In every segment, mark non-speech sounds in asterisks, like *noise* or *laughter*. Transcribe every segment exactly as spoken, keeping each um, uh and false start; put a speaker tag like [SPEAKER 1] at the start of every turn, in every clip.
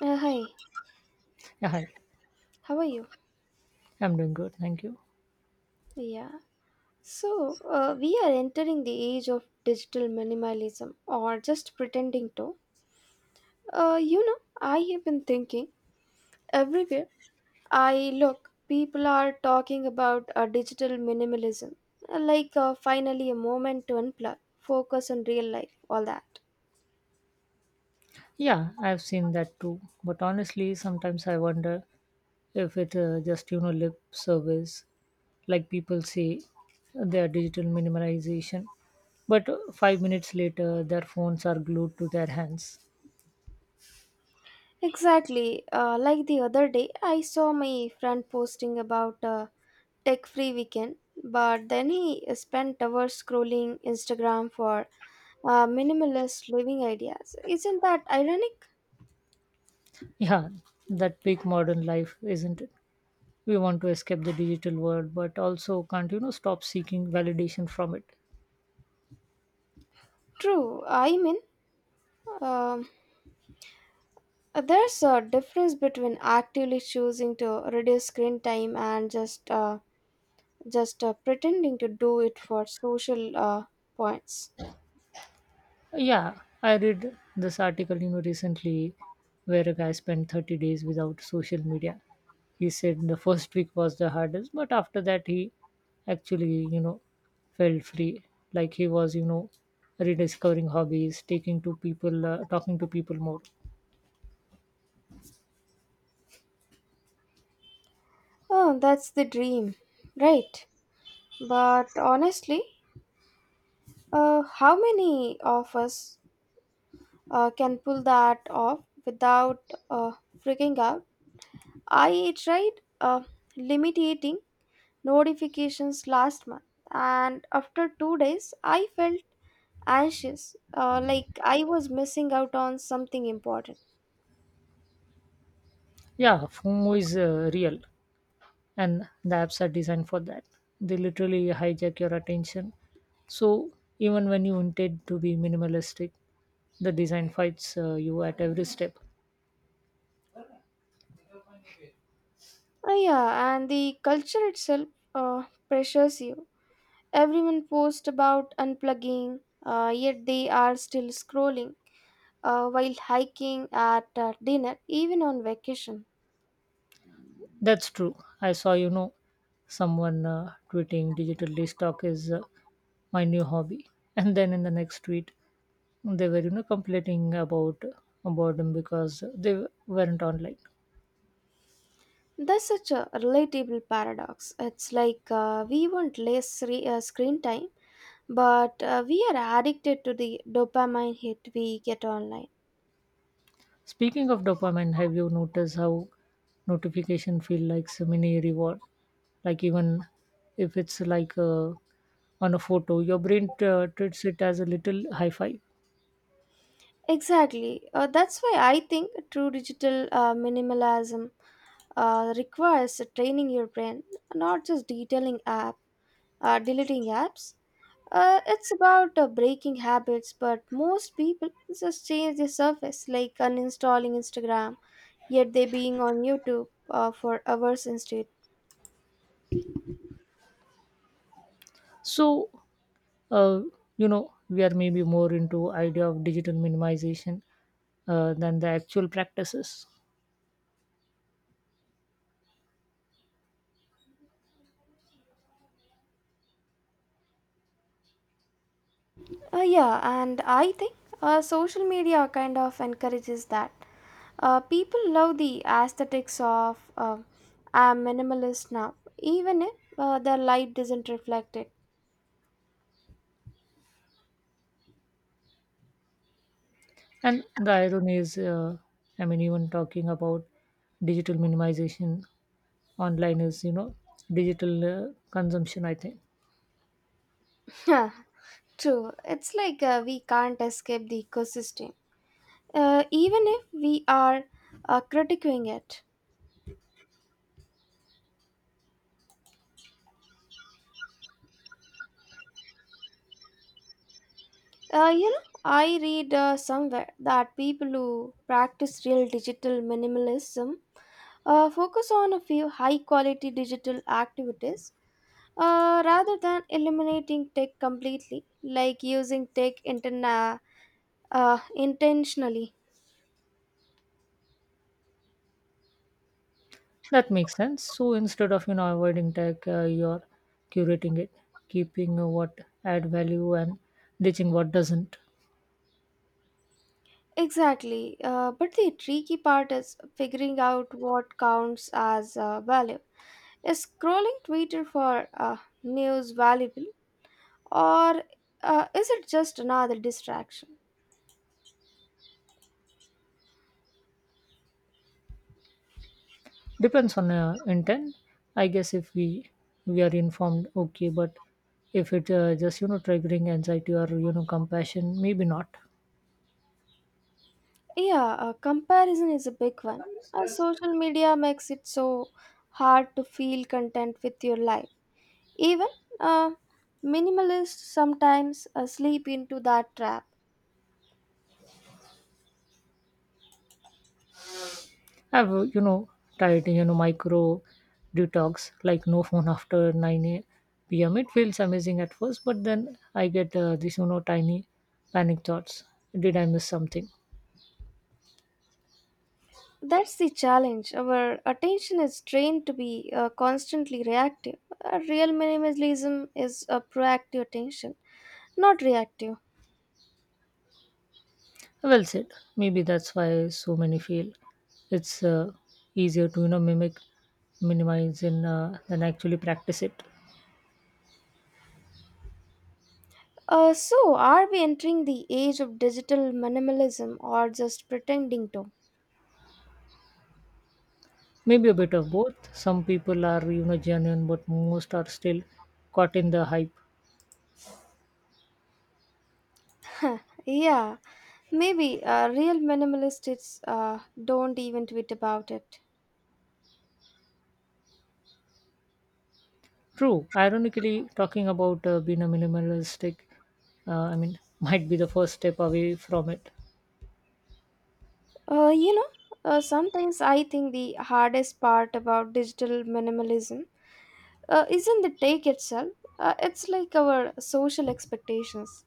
[SPEAKER 1] Uh, hi,
[SPEAKER 2] Yeah, hi.
[SPEAKER 1] how are you?
[SPEAKER 2] I'm doing good, thank you.
[SPEAKER 1] Yeah, so uh, we are entering the age of digital minimalism or just pretending to. Uh, you know, I have been thinking everywhere I look, people are talking about uh, digital minimalism, uh, like uh, finally a moment to unplug, focus on real life, all that.
[SPEAKER 2] Yeah, I've seen that too. But honestly, sometimes I wonder if it uh, just you know lip service, like people say, their digital minimization, but uh, five minutes later their phones are glued to their hands.
[SPEAKER 1] Exactly, uh, like the other day, I saw my friend posting about uh, tech free weekend, but then he spent hours scrolling Instagram for uh, minimalist living ideas. Isn't that ironic?
[SPEAKER 2] Yeah, that big modern life, isn't it? We want to escape the digital world, but also can't you know stop seeking validation from it.
[SPEAKER 1] True. I mean, um, there's a difference between actively choosing to reduce screen time and just uh, just uh, pretending to do it for social uh, points.
[SPEAKER 2] Yeah, I read this article, you know, recently where a guy spent thirty days without social media. He said the first week was the hardest, but after that he actually, you know, felt free. Like he was, you know, rediscovering hobbies, taking to people, uh, talking to people more.
[SPEAKER 1] Oh, that's the dream, right? But honestly, uh, how many of us uh, can pull that off without uh, freaking out. I tried uh, limiting notifications last month, and after two days, I felt anxious, uh, like I was missing out on something important.
[SPEAKER 2] Yeah, FOMO is uh, real, and the apps are designed for that. They literally hijack your attention. So even when you intend to be minimalistic, the design fights uh, you at every step.
[SPEAKER 1] Ah, yeah, and the culture itself uh, pressures you. Everyone posts about unplugging, uh, yet they are still scrolling uh, while hiking at uh, dinner, even on vacation.
[SPEAKER 2] That's true. I saw, you know, someone uh, tweeting digital stock is uh, my new hobby. *laughs* And then in the next tweet, they were, you know, complaining about uh, boredom because they weren't online.
[SPEAKER 1] That's such a relatable paradox. It's like uh, we want less re- uh, screen time, but uh, we are addicted to the dopamine hit we get online.
[SPEAKER 2] Speaking of dopamine, have you noticed how notification feel like a mini reward? Like even if it's like uh, on a photo, your brain uh, treats it as a little high five.
[SPEAKER 1] Exactly. Uh, that's why I think true digital uh, minimalism uh, requires training your brain, not just detailing app, uh, deleting apps. Uh, it's about uh, breaking habits, but most people just change the surface, like uninstalling Instagram yet they being on YouTube uh, for hours instead.
[SPEAKER 2] So uh, you know we are maybe more into idea of digital minimization uh, than the actual practices.
[SPEAKER 1] Uh, yeah, and I think uh, social media kind of encourages that. Uh, people love the aesthetics of uh, I'm minimalist now, even if uh, their life doesn't reflect it.
[SPEAKER 2] And the irony is uh, I mean even talking about digital minimization online is you know digital uh, consumption, I think.
[SPEAKER 1] *laughs* Huh, true, it's like uh, we can't escape the ecosystem, uh, even if we are uh, critiquing it. Uh, you know, I read uh, somewhere that people who practice real digital minimalism uh, focus on a few high quality digital activities uh, rather than eliminating tech completely, like using tech interna- uh, intentionally.
[SPEAKER 2] That makes sense. So instead of you know avoiding tech uh, you're curating it, keeping uh, what add value and ditching what doesn't.
[SPEAKER 1] Exactly. Uh, but the tricky part is figuring out what counts as uh, value. Is scrolling Twitter for uh, news valuable? Or uh, is it just another distraction?
[SPEAKER 2] Depends on uh, intent, I guess. If we we are informed, okay, but if it uh, just you know triggering anxiety or you know compassion, maybe not.
[SPEAKER 1] Yeah, uh, comparison is a big one. Uh, social media makes it so hard to feel content with your life. Even uh, minimalists sometimes uh, slip into that trap.
[SPEAKER 2] I've uh, you know tried you know micro detox, like no phone after nine a. p.m. It feels amazing at first, but then I get uh, these you know tiny panic thoughts, did I miss something?
[SPEAKER 1] That's the challenge. Our attention is trained to be uh, constantly reactive. Uh, real minimalism is a proactive attention, not reactive.
[SPEAKER 2] Well said. Maybe that's why so many fail. It's uh, easier to you know mimic minimize and uh, than actually practice it.
[SPEAKER 1] Uh, so, are we entering the age of digital minimalism or just pretending to? *laughs*
[SPEAKER 2] Maybe a bit of both. Some people are, you know, genuine, but most are still caught in the hype.
[SPEAKER 1] Huh, yeah, maybe uh, real minimalists uh, don't even tweet about it.
[SPEAKER 2] True. Ironically, talking about uh, being a minimalistic, uh, I mean, *laughs* might be the first step away from it.
[SPEAKER 1] Uh, you know, uh, Sometimes I think the hardest part about digital minimalism uh, isn't the take itself, uh, it's like our social expectations.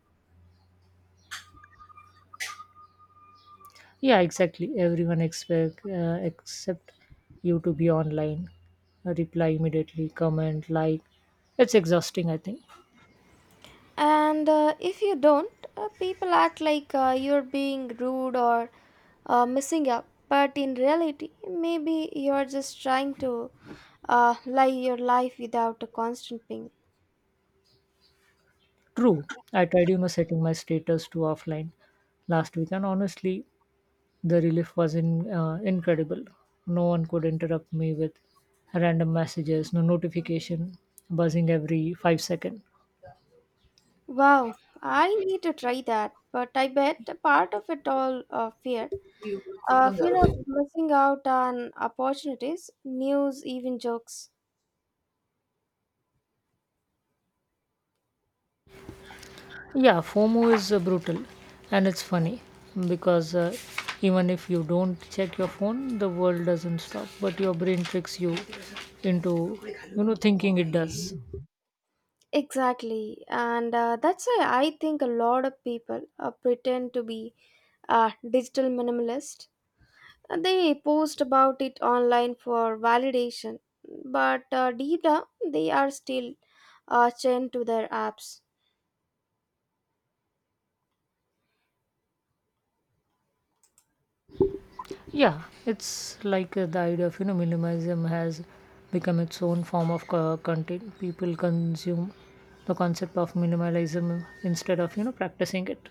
[SPEAKER 2] Yeah, exactly. Everyone expect uh, except you to be online, Uh, reply immediately, comment, like. It's exhausting, I think.
[SPEAKER 1] And uh, if you don't, uh, people act like uh, you're being rude or uh, missing up. But in reality, maybe you're just trying to uh, live your life without a constant ping.
[SPEAKER 2] True. I tried, you know, setting my status to offline last week, and honestly, the relief was in, uh, incredible. No one could interrupt me with random messages, no notification, buzzing every five seconds.
[SPEAKER 1] Wow, I need to try that. But I bet a part of it all uh, fear.
[SPEAKER 2] Yeah,
[SPEAKER 1] Uh, fear of missing out on opportunities, news, even jokes.
[SPEAKER 2] FOMO is uh, brutal, and it's funny because uh, even if you don't check your phone, the world doesn't stop, but your brain tricks you into you know thinking it does.
[SPEAKER 1] Exactly. And uh, that's why I think a lot of people uh, pretend to be a digital minimalist. They post about it online for validation, but uh, deep down they are still uh, chained to their apps.
[SPEAKER 2] Yeah, it's like uh, the idea of you know minimalism has become its own form of co- content. People consume the concept of minimalism instead of you know practicing it,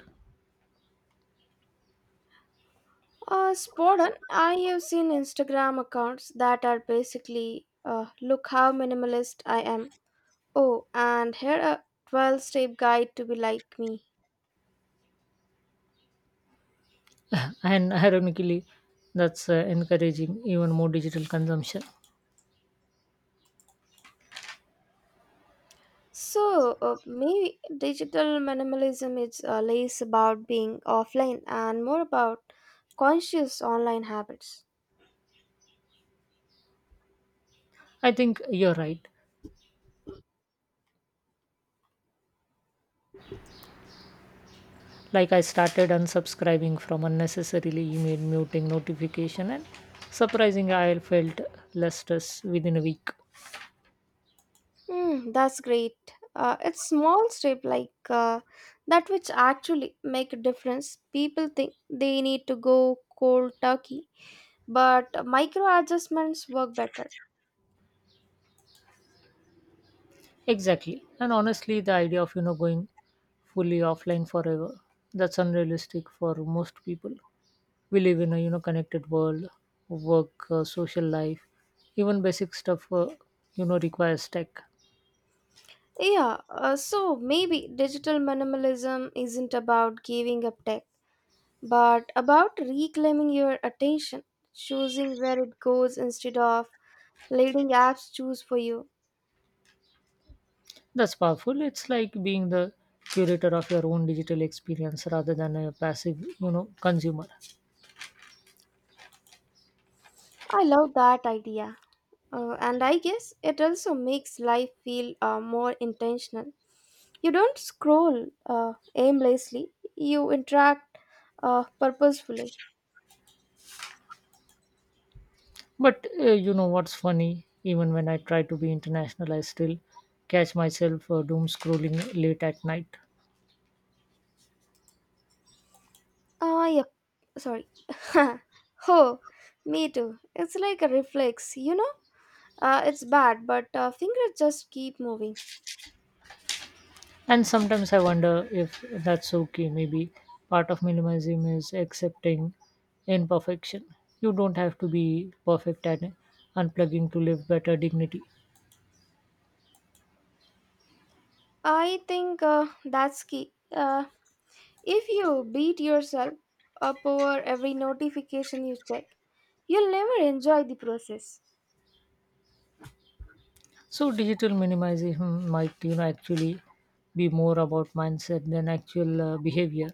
[SPEAKER 1] Uh, Spodan, I have seen Instagram accounts that are basically uh, look how minimalist I am. Oh, and here a twelve step guide to be like me.
[SPEAKER 2] and ironically, that's uh, encouraging even more digital consumption.
[SPEAKER 1] So uh, maybe digital minimalism is uh, less about being offline and more about conscious online habits.
[SPEAKER 2] I think you're right. Like I started unsubscribing from unnecessarily email muting notification, and surprisingly, I felt less stress within a week.
[SPEAKER 1] Hmm, that's great. Uh, it's small step like uh, that which actually make a difference. People think they need to go cold turkey, but micro adjustments work better.
[SPEAKER 2] Exactly. And honestly, the idea of you know going fully offline forever, that's unrealistic for most people. We live in a you know connected world, work, uh, social life, even basic stuff uh, you know requires tech.
[SPEAKER 1] Yeah, uh, so maybe digital minimalism isn't about giving up tech, but about reclaiming your attention, choosing where it goes instead of letting apps choose for you.
[SPEAKER 2] That's powerful. It's like being the curator of your own digital experience rather than a passive you know consumer.
[SPEAKER 1] I love that idea. Uh, and I guess it also makes life feel uh, more intentional. You don't scroll uh, aimlessly, you interact uh, purposefully.
[SPEAKER 2] But uh, you know what's funny? Even when I try to be international, I still catch myself uh, doom scrolling late at night.
[SPEAKER 1] Ah, yep, sorry. *laughs* Oh, me too. It's like a reflex, you know? Uh, it's bad, but uh, fingers just keep moving.
[SPEAKER 2] And sometimes I wonder if that's okay. Maybe part of minimalism is accepting imperfection. You don't have to be perfect and unplugging to live better dignity.
[SPEAKER 1] I think uh, that's key. Uh, if you beat yourself up over every notification you check, you'll never enjoy the process.
[SPEAKER 2] So digital minimalism might you know actually be more about mindset than actual uh, behavior.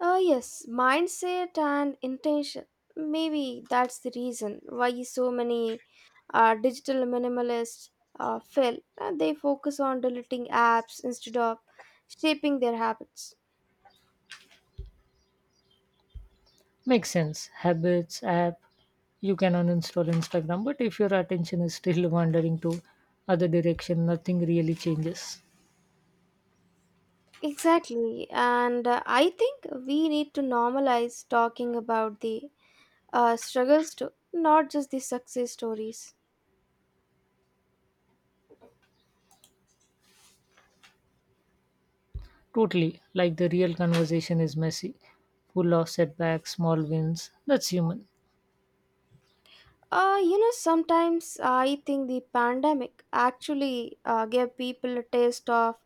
[SPEAKER 1] Uh, yes, mindset and intention. Maybe that's the reason why so many uh, digital minimalists uh, fail. Uh, they focus on deleting apps instead of shaping their habits.
[SPEAKER 2] Makes sense. Habits, app, you can uninstall Instagram, but if your attention is still *laughs* wandering to other direction, nothing really changes.
[SPEAKER 1] Exactly, and uh, I think we need to normalize talking about the uh, struggles too, not just the success stories.
[SPEAKER 2] Totally. Like the real conversation is messy, full of setbacks, small wins. That's human.
[SPEAKER 1] Uh, you know, sometimes I think the pandemic actually uh, gave people a taste of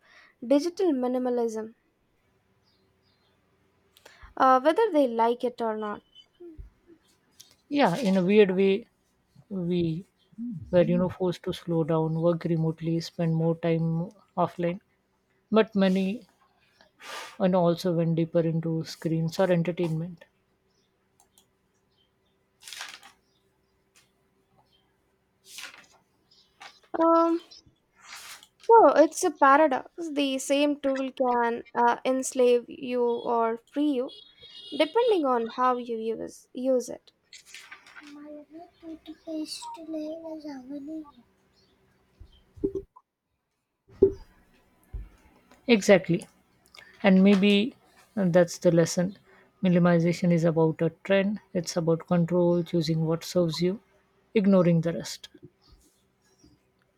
[SPEAKER 1] digital minimalism, uh, whether they like it or not.
[SPEAKER 2] Yeah, in a weird way, we were, you know, forced to slow down, work remotely, spend more time offline. But many and also went deeper into screens or entertainment.
[SPEAKER 1] Um, so it's a paradox. The same tool can uh, enslave you or free you, depending on how you use, use it.
[SPEAKER 2] Exactly. And maybe that's the lesson. Minimization is about a trend, it's about control, choosing what serves you, ignoring the rest.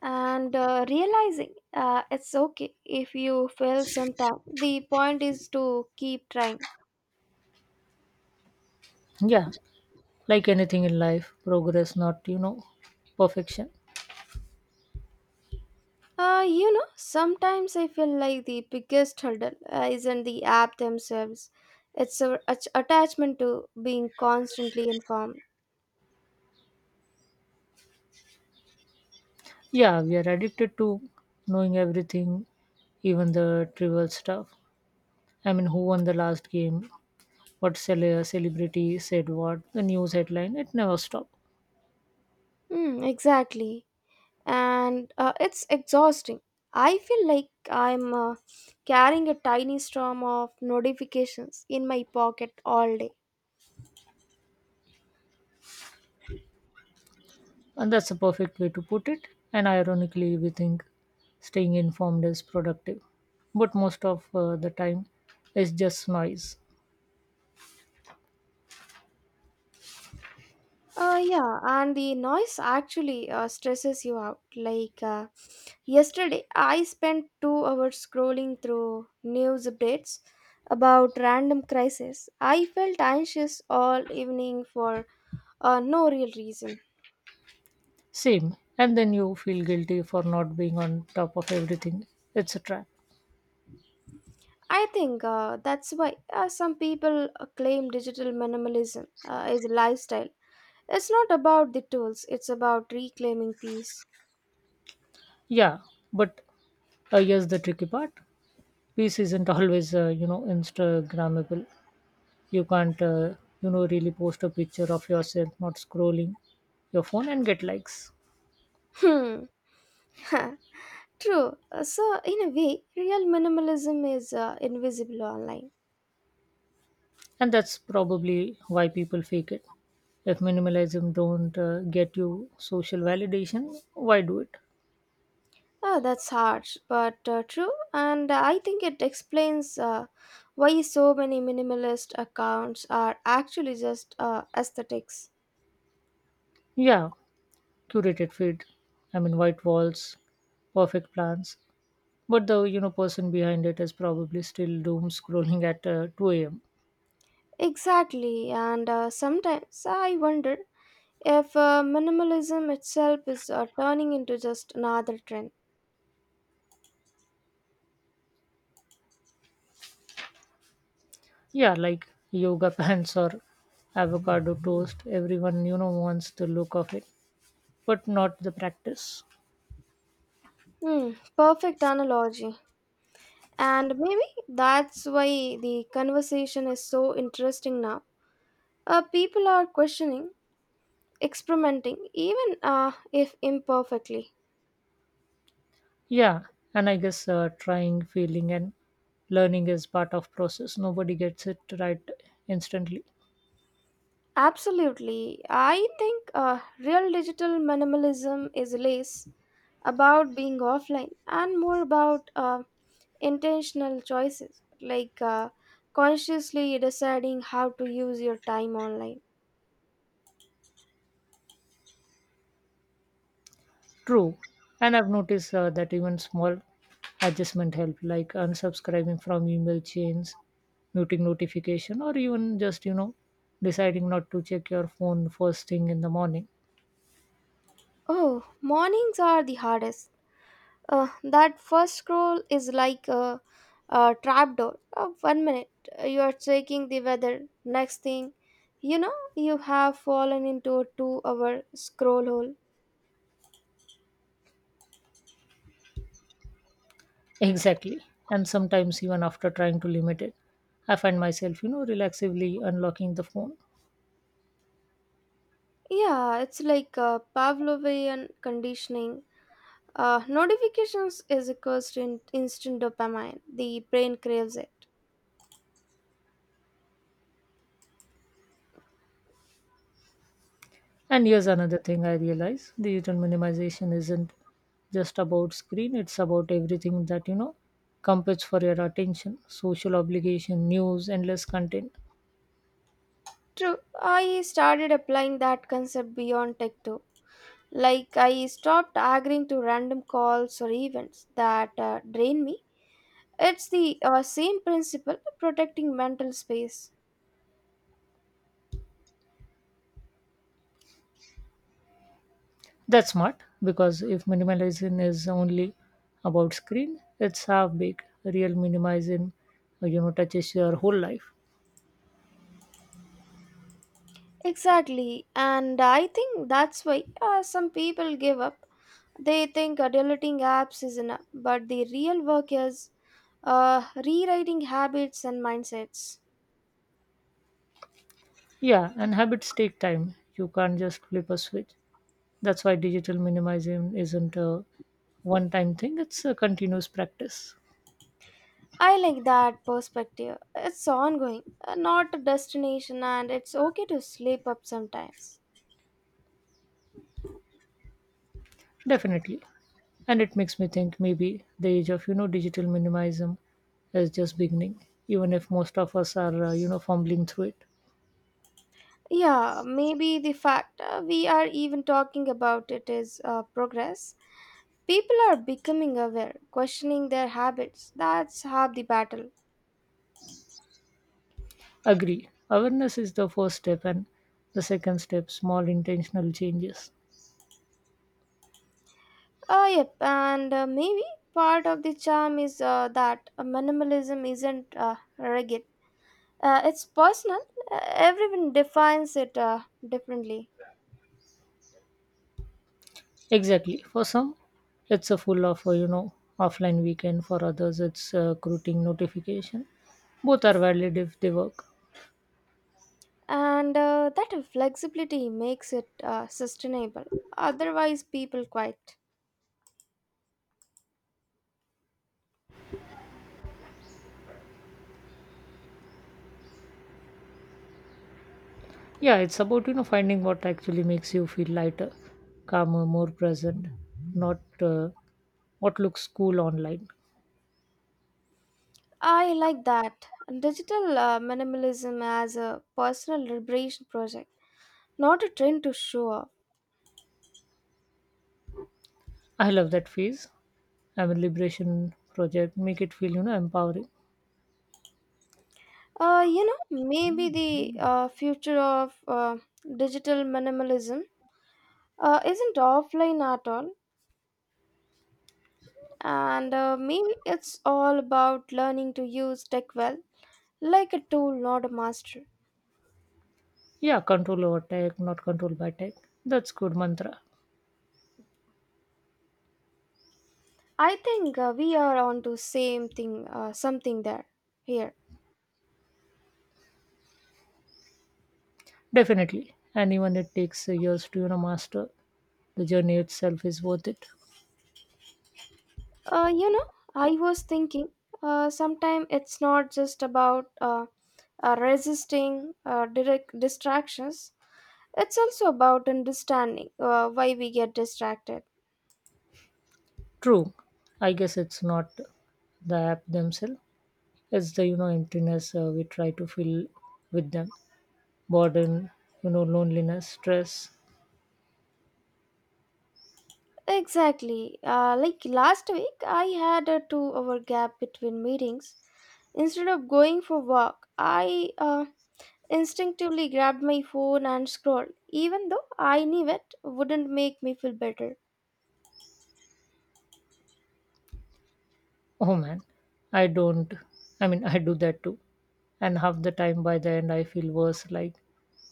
[SPEAKER 1] And uh, realizing uh, it's okay if you fail sometime, the point is to keep trying.
[SPEAKER 2] Yeah, like anything in life, progress not you know perfection.
[SPEAKER 1] Uh, you know, sometimes I feel like the biggest hurdle uh, isn't the app themselves. It's our att- attachment to being constantly informed.
[SPEAKER 2] Yeah, we are addicted to knowing everything, even the trivial stuff. I mean, who won the last game, what cele- celebrity said, what the news headline, it never stops.
[SPEAKER 1] Hmm, exactly. And uh, it's exhausting. I feel like I'm uh, carrying a tiny storm of notifications in my pocket all day.
[SPEAKER 2] And that's a perfect way to put it. And ironically we think staying informed is productive, but most of uh, the time it's just noise.
[SPEAKER 1] Uh, yeah, and the noise actually uh, stresses you out. Like, uh, Yesterday, I spent two hours scrolling through news updates about random crises. I felt anxious all evening for uh, no real reason.
[SPEAKER 2] Same, and then you feel guilty for not being on top of everything, it's a trap.
[SPEAKER 1] I think uh, that's why uh, some people uh, claim digital minimalism uh, is a lifestyle. It's not about the tools, it's about reclaiming peace.
[SPEAKER 2] Yeah, but uh, yes, the tricky part. Peace isn't always, uh, you know, Instagrammable. You can't, uh, you know, really post a picture of yourself not scrolling your phone and get likes.
[SPEAKER 1] Hmm. *laughs* True. Uh, So, in a way, real minimalism is uh, invisible online.
[SPEAKER 2] And that's probably why people fake it. If minimalism don't uh, get you social validation, why do it?
[SPEAKER 1] Ah, that's harsh, but uh, true, and I think it explains uh, why so many minimalist accounts are actually just uh, aesthetics.
[SPEAKER 2] Yeah, curated feed. I mean, white walls, perfect plans. But the you know person behind it is probably still doom scrolling at uh, two a.m.
[SPEAKER 1] Exactly, and uh, sometimes I wonder if uh, minimalism itself is uh, turning into just another trend.
[SPEAKER 2] Yeah, like yoga pants or avocado toast. Everyone, you know, wants the look of it, but not the practice.
[SPEAKER 1] Hmm, perfect analogy. And maybe that's why the conversation is so interesting now. Uh, people are questioning, experimenting, even uh, if imperfectly.
[SPEAKER 2] Yeah, and I guess uh, trying, failing, and learning is part of process. Nobody gets it right instantly.
[SPEAKER 1] Absolutely. I think uh, real digital minimalism is less about being offline and more about uh, intentional choices, like uh, consciously deciding how to use your time online.
[SPEAKER 2] True, and I've noticed uh, that even small adjustment help, like unsubscribing from email chains, muting notification, or even just you know deciding not to check your phone first thing in the morning.
[SPEAKER 1] Oh, mornings are the hardest. Uh, that first scroll is like a, a trapdoor. Uh, one minute uh, you are checking the weather, next thing you know, you have fallen into a two hour scroll hole.
[SPEAKER 2] Exactly. And sometimes, even after trying to limit it, I find myself, you know, relaxively unlocking the phone.
[SPEAKER 1] Yeah, it's like uh, Pavlovian conditioning. Uh, notifications is equals to in- instant dopamine. The brain craves it.
[SPEAKER 2] And here's another thing I realize, digital minimization isn't just about screen, it's about everything that, you know, competes for your attention, social obligation, news, endless content.
[SPEAKER 1] True, I started applying that concept beyond tech too. Like I stopped agreeing to random calls or events that uh, drain me. It's the uh, same principle protecting mental space.
[SPEAKER 2] That's smart, because if minimalizing is only about screen, it's half big. Real minimizing, you know, touches your whole life.
[SPEAKER 1] Exactly, and I think that's why uh, some people give up. They think uh, deleting apps is enough, but the real work is uh, rewriting habits and mindsets.
[SPEAKER 2] Yeah, and habits take time. You can't just flip a switch. That's why digital minimalism isn't a one time thing, it's a continuous practice.
[SPEAKER 1] I like that perspective. It's ongoing, uh, not a destination, and it's okay to slip up sometimes.
[SPEAKER 2] Definitely. And it makes me think maybe the age of, you know, digital minimalism is just beginning, even if most of us are, uh, you know, fumbling through it.
[SPEAKER 1] Yeah, maybe the fact uh, we are even talking about it is uh, progress. People are becoming aware, questioning their habits. That's half the battle.
[SPEAKER 2] Agree. Awareness is the first step, and the second step, small intentional changes.
[SPEAKER 1] Uh, yep, and uh, maybe part of the charm is uh, that uh, minimalism isn't uh, rigid. Uh, it's personal, uh, everyone defines it uh, differently,
[SPEAKER 2] Exactly. For some, it's a full of, uh, you know, offline weekend. For others, it's a routing notification. Both are valid if they work.
[SPEAKER 1] and uh, that flexibility makes it uh, sustainable. Otherwise people quit.
[SPEAKER 2] Yeah, it's about you know finding what actually makes you feel lighter, calmer, more present, not uh, what looks cool online.
[SPEAKER 1] I like that: digital uh, minimalism as a personal liberation project, not a trend to show off.
[SPEAKER 2] I love that phase. I'm a liberation project. Make it feel you know empowering.
[SPEAKER 1] uh, you know Maybe the uh, future of uh, digital minimalism uh, isn't offline at all, and uh, maybe it's all about learning to use tech well, like a tool, not a master.
[SPEAKER 2] Yeah, control over tech, not controlled by tech. That's good mantra.
[SPEAKER 1] I think uh, we are on to same thing, uh, something there here.
[SPEAKER 2] Definitely. And even it takes years to you know master. The journey itself is worth it.
[SPEAKER 1] uh, you know I was thinking uh, sometimes it's not just about uh, uh, resisting uh, direct distractions. It's also about understanding uh, why we get distracted.
[SPEAKER 2] True. I guess it's not the app themselves. It's the you know emptiness uh, we try to fill with them. Boredom, you know, loneliness, stress.
[SPEAKER 1] Exactly, uh, like last week I had a two hour gap between meetings. Instead of going for walk, I uh, instinctively grabbed my phone and scrolled, even though I knew it wouldn't make me feel better.
[SPEAKER 2] Oh man, I don't, I mean, I do that too. And half the time by the end, I feel worse. Like,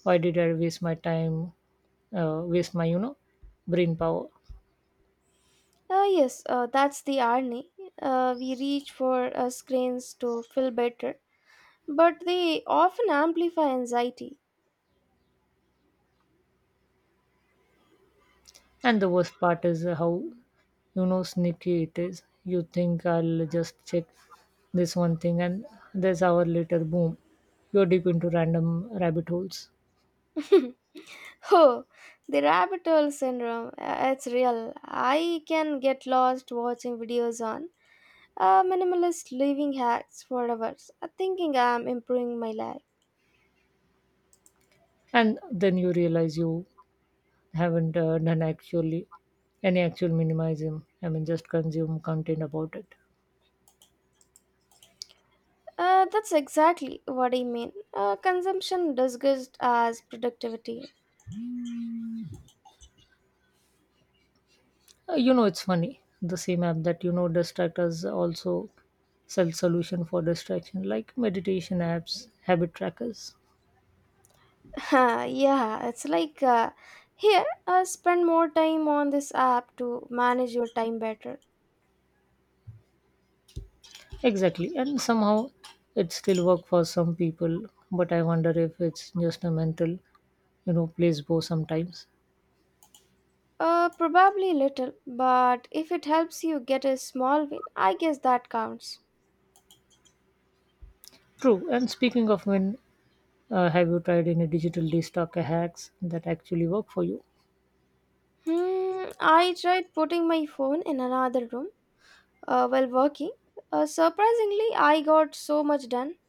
[SPEAKER 2] why did I waste my time, uh, waste my, you know, brain power?
[SPEAKER 1] Ah, yes, uh, that's the irony. Uh, we reach for uh, screens to feel better, but they often amplify anxiety.
[SPEAKER 2] And the worst part is how, you know, sneaky it is. You think I'll just check this one thing, and there's hour later, boom, you're deep into random rabbit holes.
[SPEAKER 1] *laughs* Oh, the rabbit hole syndrome, uh, it's real. I can get lost watching videos on uh, minimalist living hacks for hours, uh, thinking I'm improving my life.
[SPEAKER 2] And then you realize you haven't uh, done actually any actual minimalism. I mean, just consume content about it.
[SPEAKER 1] Uh, that's exactly what I mean. Uh, consumption disguised as productivity.
[SPEAKER 2] Uh, you know, it's funny. The same app that you know distract us also sell solution for distraction, like meditation apps, habit trackers.
[SPEAKER 1] *laughs* Yeah, it's like uh, here, uh, spend more time on this app to manage your time better.
[SPEAKER 2] Exactly, and somehow it still work for some people. But I wonder if it's just a mental, you know, placebo sometimes.
[SPEAKER 1] Uh, probably little, but if it helps you get a small win, I guess that counts.
[SPEAKER 2] True. And speaking of when, uh, have you tried any digital detox hacks that actually work for you?
[SPEAKER 1] Hmm, I tried putting my phone in another room uh, while working. Uh, surprisingly, I got so much done.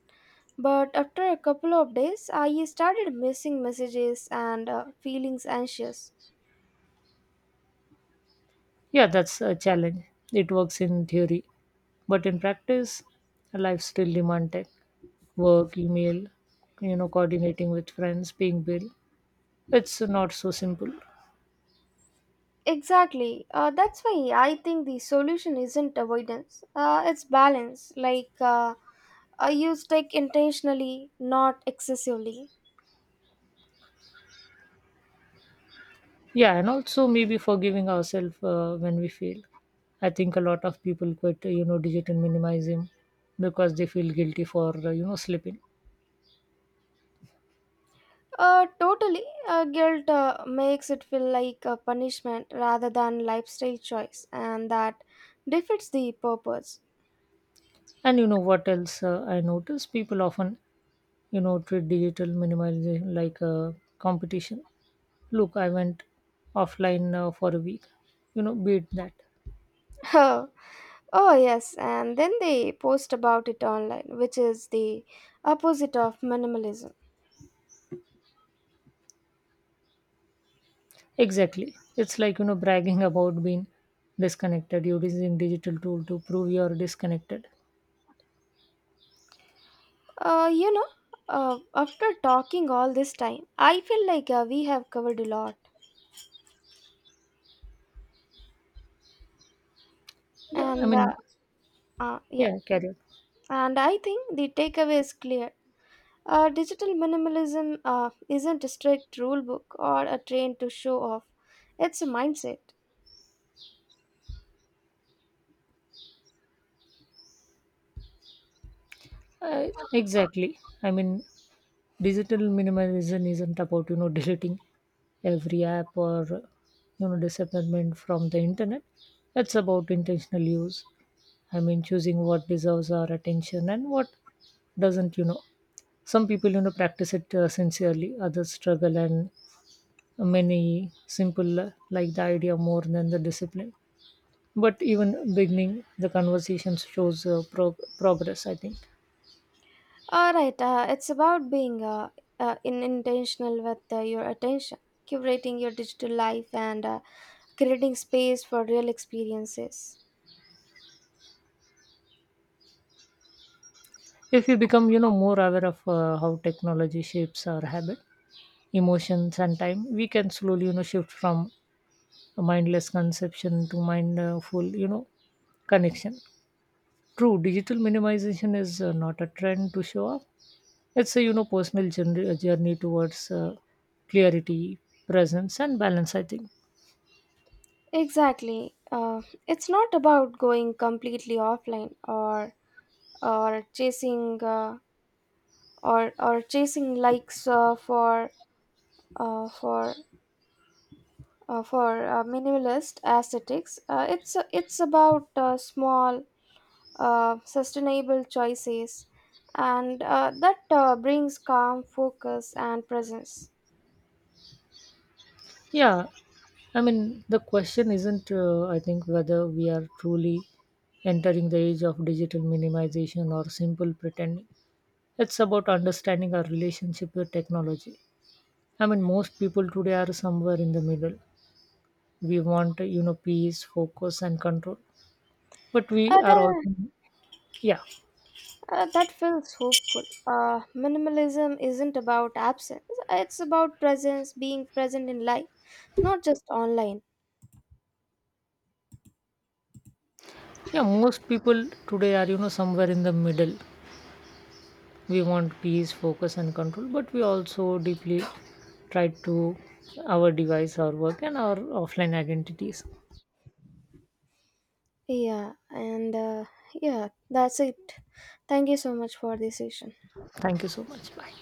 [SPEAKER 1] But after a couple of days, I started missing messages and uh, feeling anxious.
[SPEAKER 2] Yeah, that's a challenge. It works in theory, but in practice, life still demands tech, work, email, you know, coordinating with friends, paying bill. It's not so simple.
[SPEAKER 1] Exactly. Uh, that's why I think the solution isn't avoidance. Uh, it's balance. Like uh, I use tech intentionally, not excessively.
[SPEAKER 2] Yeah, and also maybe forgiving ourselves uh, when we fail. I think a lot of people quit, uh, you know, digital minimalism because they feel guilty for, uh, you know, slipping.
[SPEAKER 1] Uh, totally. Uh, guilt uh, makes it feel like a punishment rather than lifestyle choice, and that defeats the purpose.
[SPEAKER 2] And you know what else uh, I notice? People often, you know, treat digital minimalism like a competition. Look, I went offline uh, for a week. You know, beat that.
[SPEAKER 1] *laughs* Oh, yes, and then they post about it online, which is the opposite of minimalism.
[SPEAKER 2] Exactly. It's like, you know, bragging *laughs* about being disconnected. You're using digital tool to prove you're disconnected.
[SPEAKER 1] Uh, you know, uh, After talking all this time, I feel like uh, we have covered a lot.
[SPEAKER 2] Yeah, I
[SPEAKER 1] And
[SPEAKER 2] mean,
[SPEAKER 1] uh, uh, yeah,
[SPEAKER 2] yeah, carry on.
[SPEAKER 1] and I think the takeaway is clear. Uh, digital minimalism uh, isn't a strict rule book or a train to show off, it's a mindset.
[SPEAKER 2] Uh, exactly. I mean, digital minimalism isn't about you know deleting every app or you know disappointment from the internet. It's about intentional use. I mean, choosing what deserves our attention and what doesn't. You know, some people you know practice it uh, sincerely. Others struggle, and many simple uh, like the idea more than the discipline. But even beginning the conversations shows uh, prog- progress, I think.
[SPEAKER 1] All right, uh, it's about being uh, uh, in intentional with uh, your attention, curating your digital life, and uh, creating space for real experiences.
[SPEAKER 2] If we become, you know, more aware of uh, how technology shapes our habit, emotions, and time, we can slowly, you know, shift from a mindless conception to mindful, you know, connection. True, digital minimization is uh, not a trend to show off. It's a, you know, personal journey, journey towards uh, clarity, presence, and balance, I think.
[SPEAKER 1] Exactly. Uh, it's not about going completely offline or or chasing uh, or or chasing likes uh, for uh, for uh, for uh, minimalist aesthetics. Uh, it's it's about uh, small uh, sustainable choices, and uh, that uh, brings calm, focus, and presence.
[SPEAKER 2] Yeah, I mean, the question isn't, uh, I think, whether we are truly entering the age of digital minimization or simple pretending. It's about understanding our relationship with technology. I mean, most people today are somewhere in the middle. We want, you know, peace, focus, and control. But we are also,
[SPEAKER 1] Other.
[SPEAKER 2] yeah,
[SPEAKER 1] Uh, that feels hopeful. Uh, minimalism isn't about absence, it's about presence, being present in life, not just online.
[SPEAKER 2] yeah, most people today are, you know, somewhere in the middle. We want peace focus and control, but we also deeply try to our device our work and our offline identities.
[SPEAKER 1] Yeah, and uh, yeah, that's it. Thank you so much for this session.
[SPEAKER 2] Thank you so much, bye.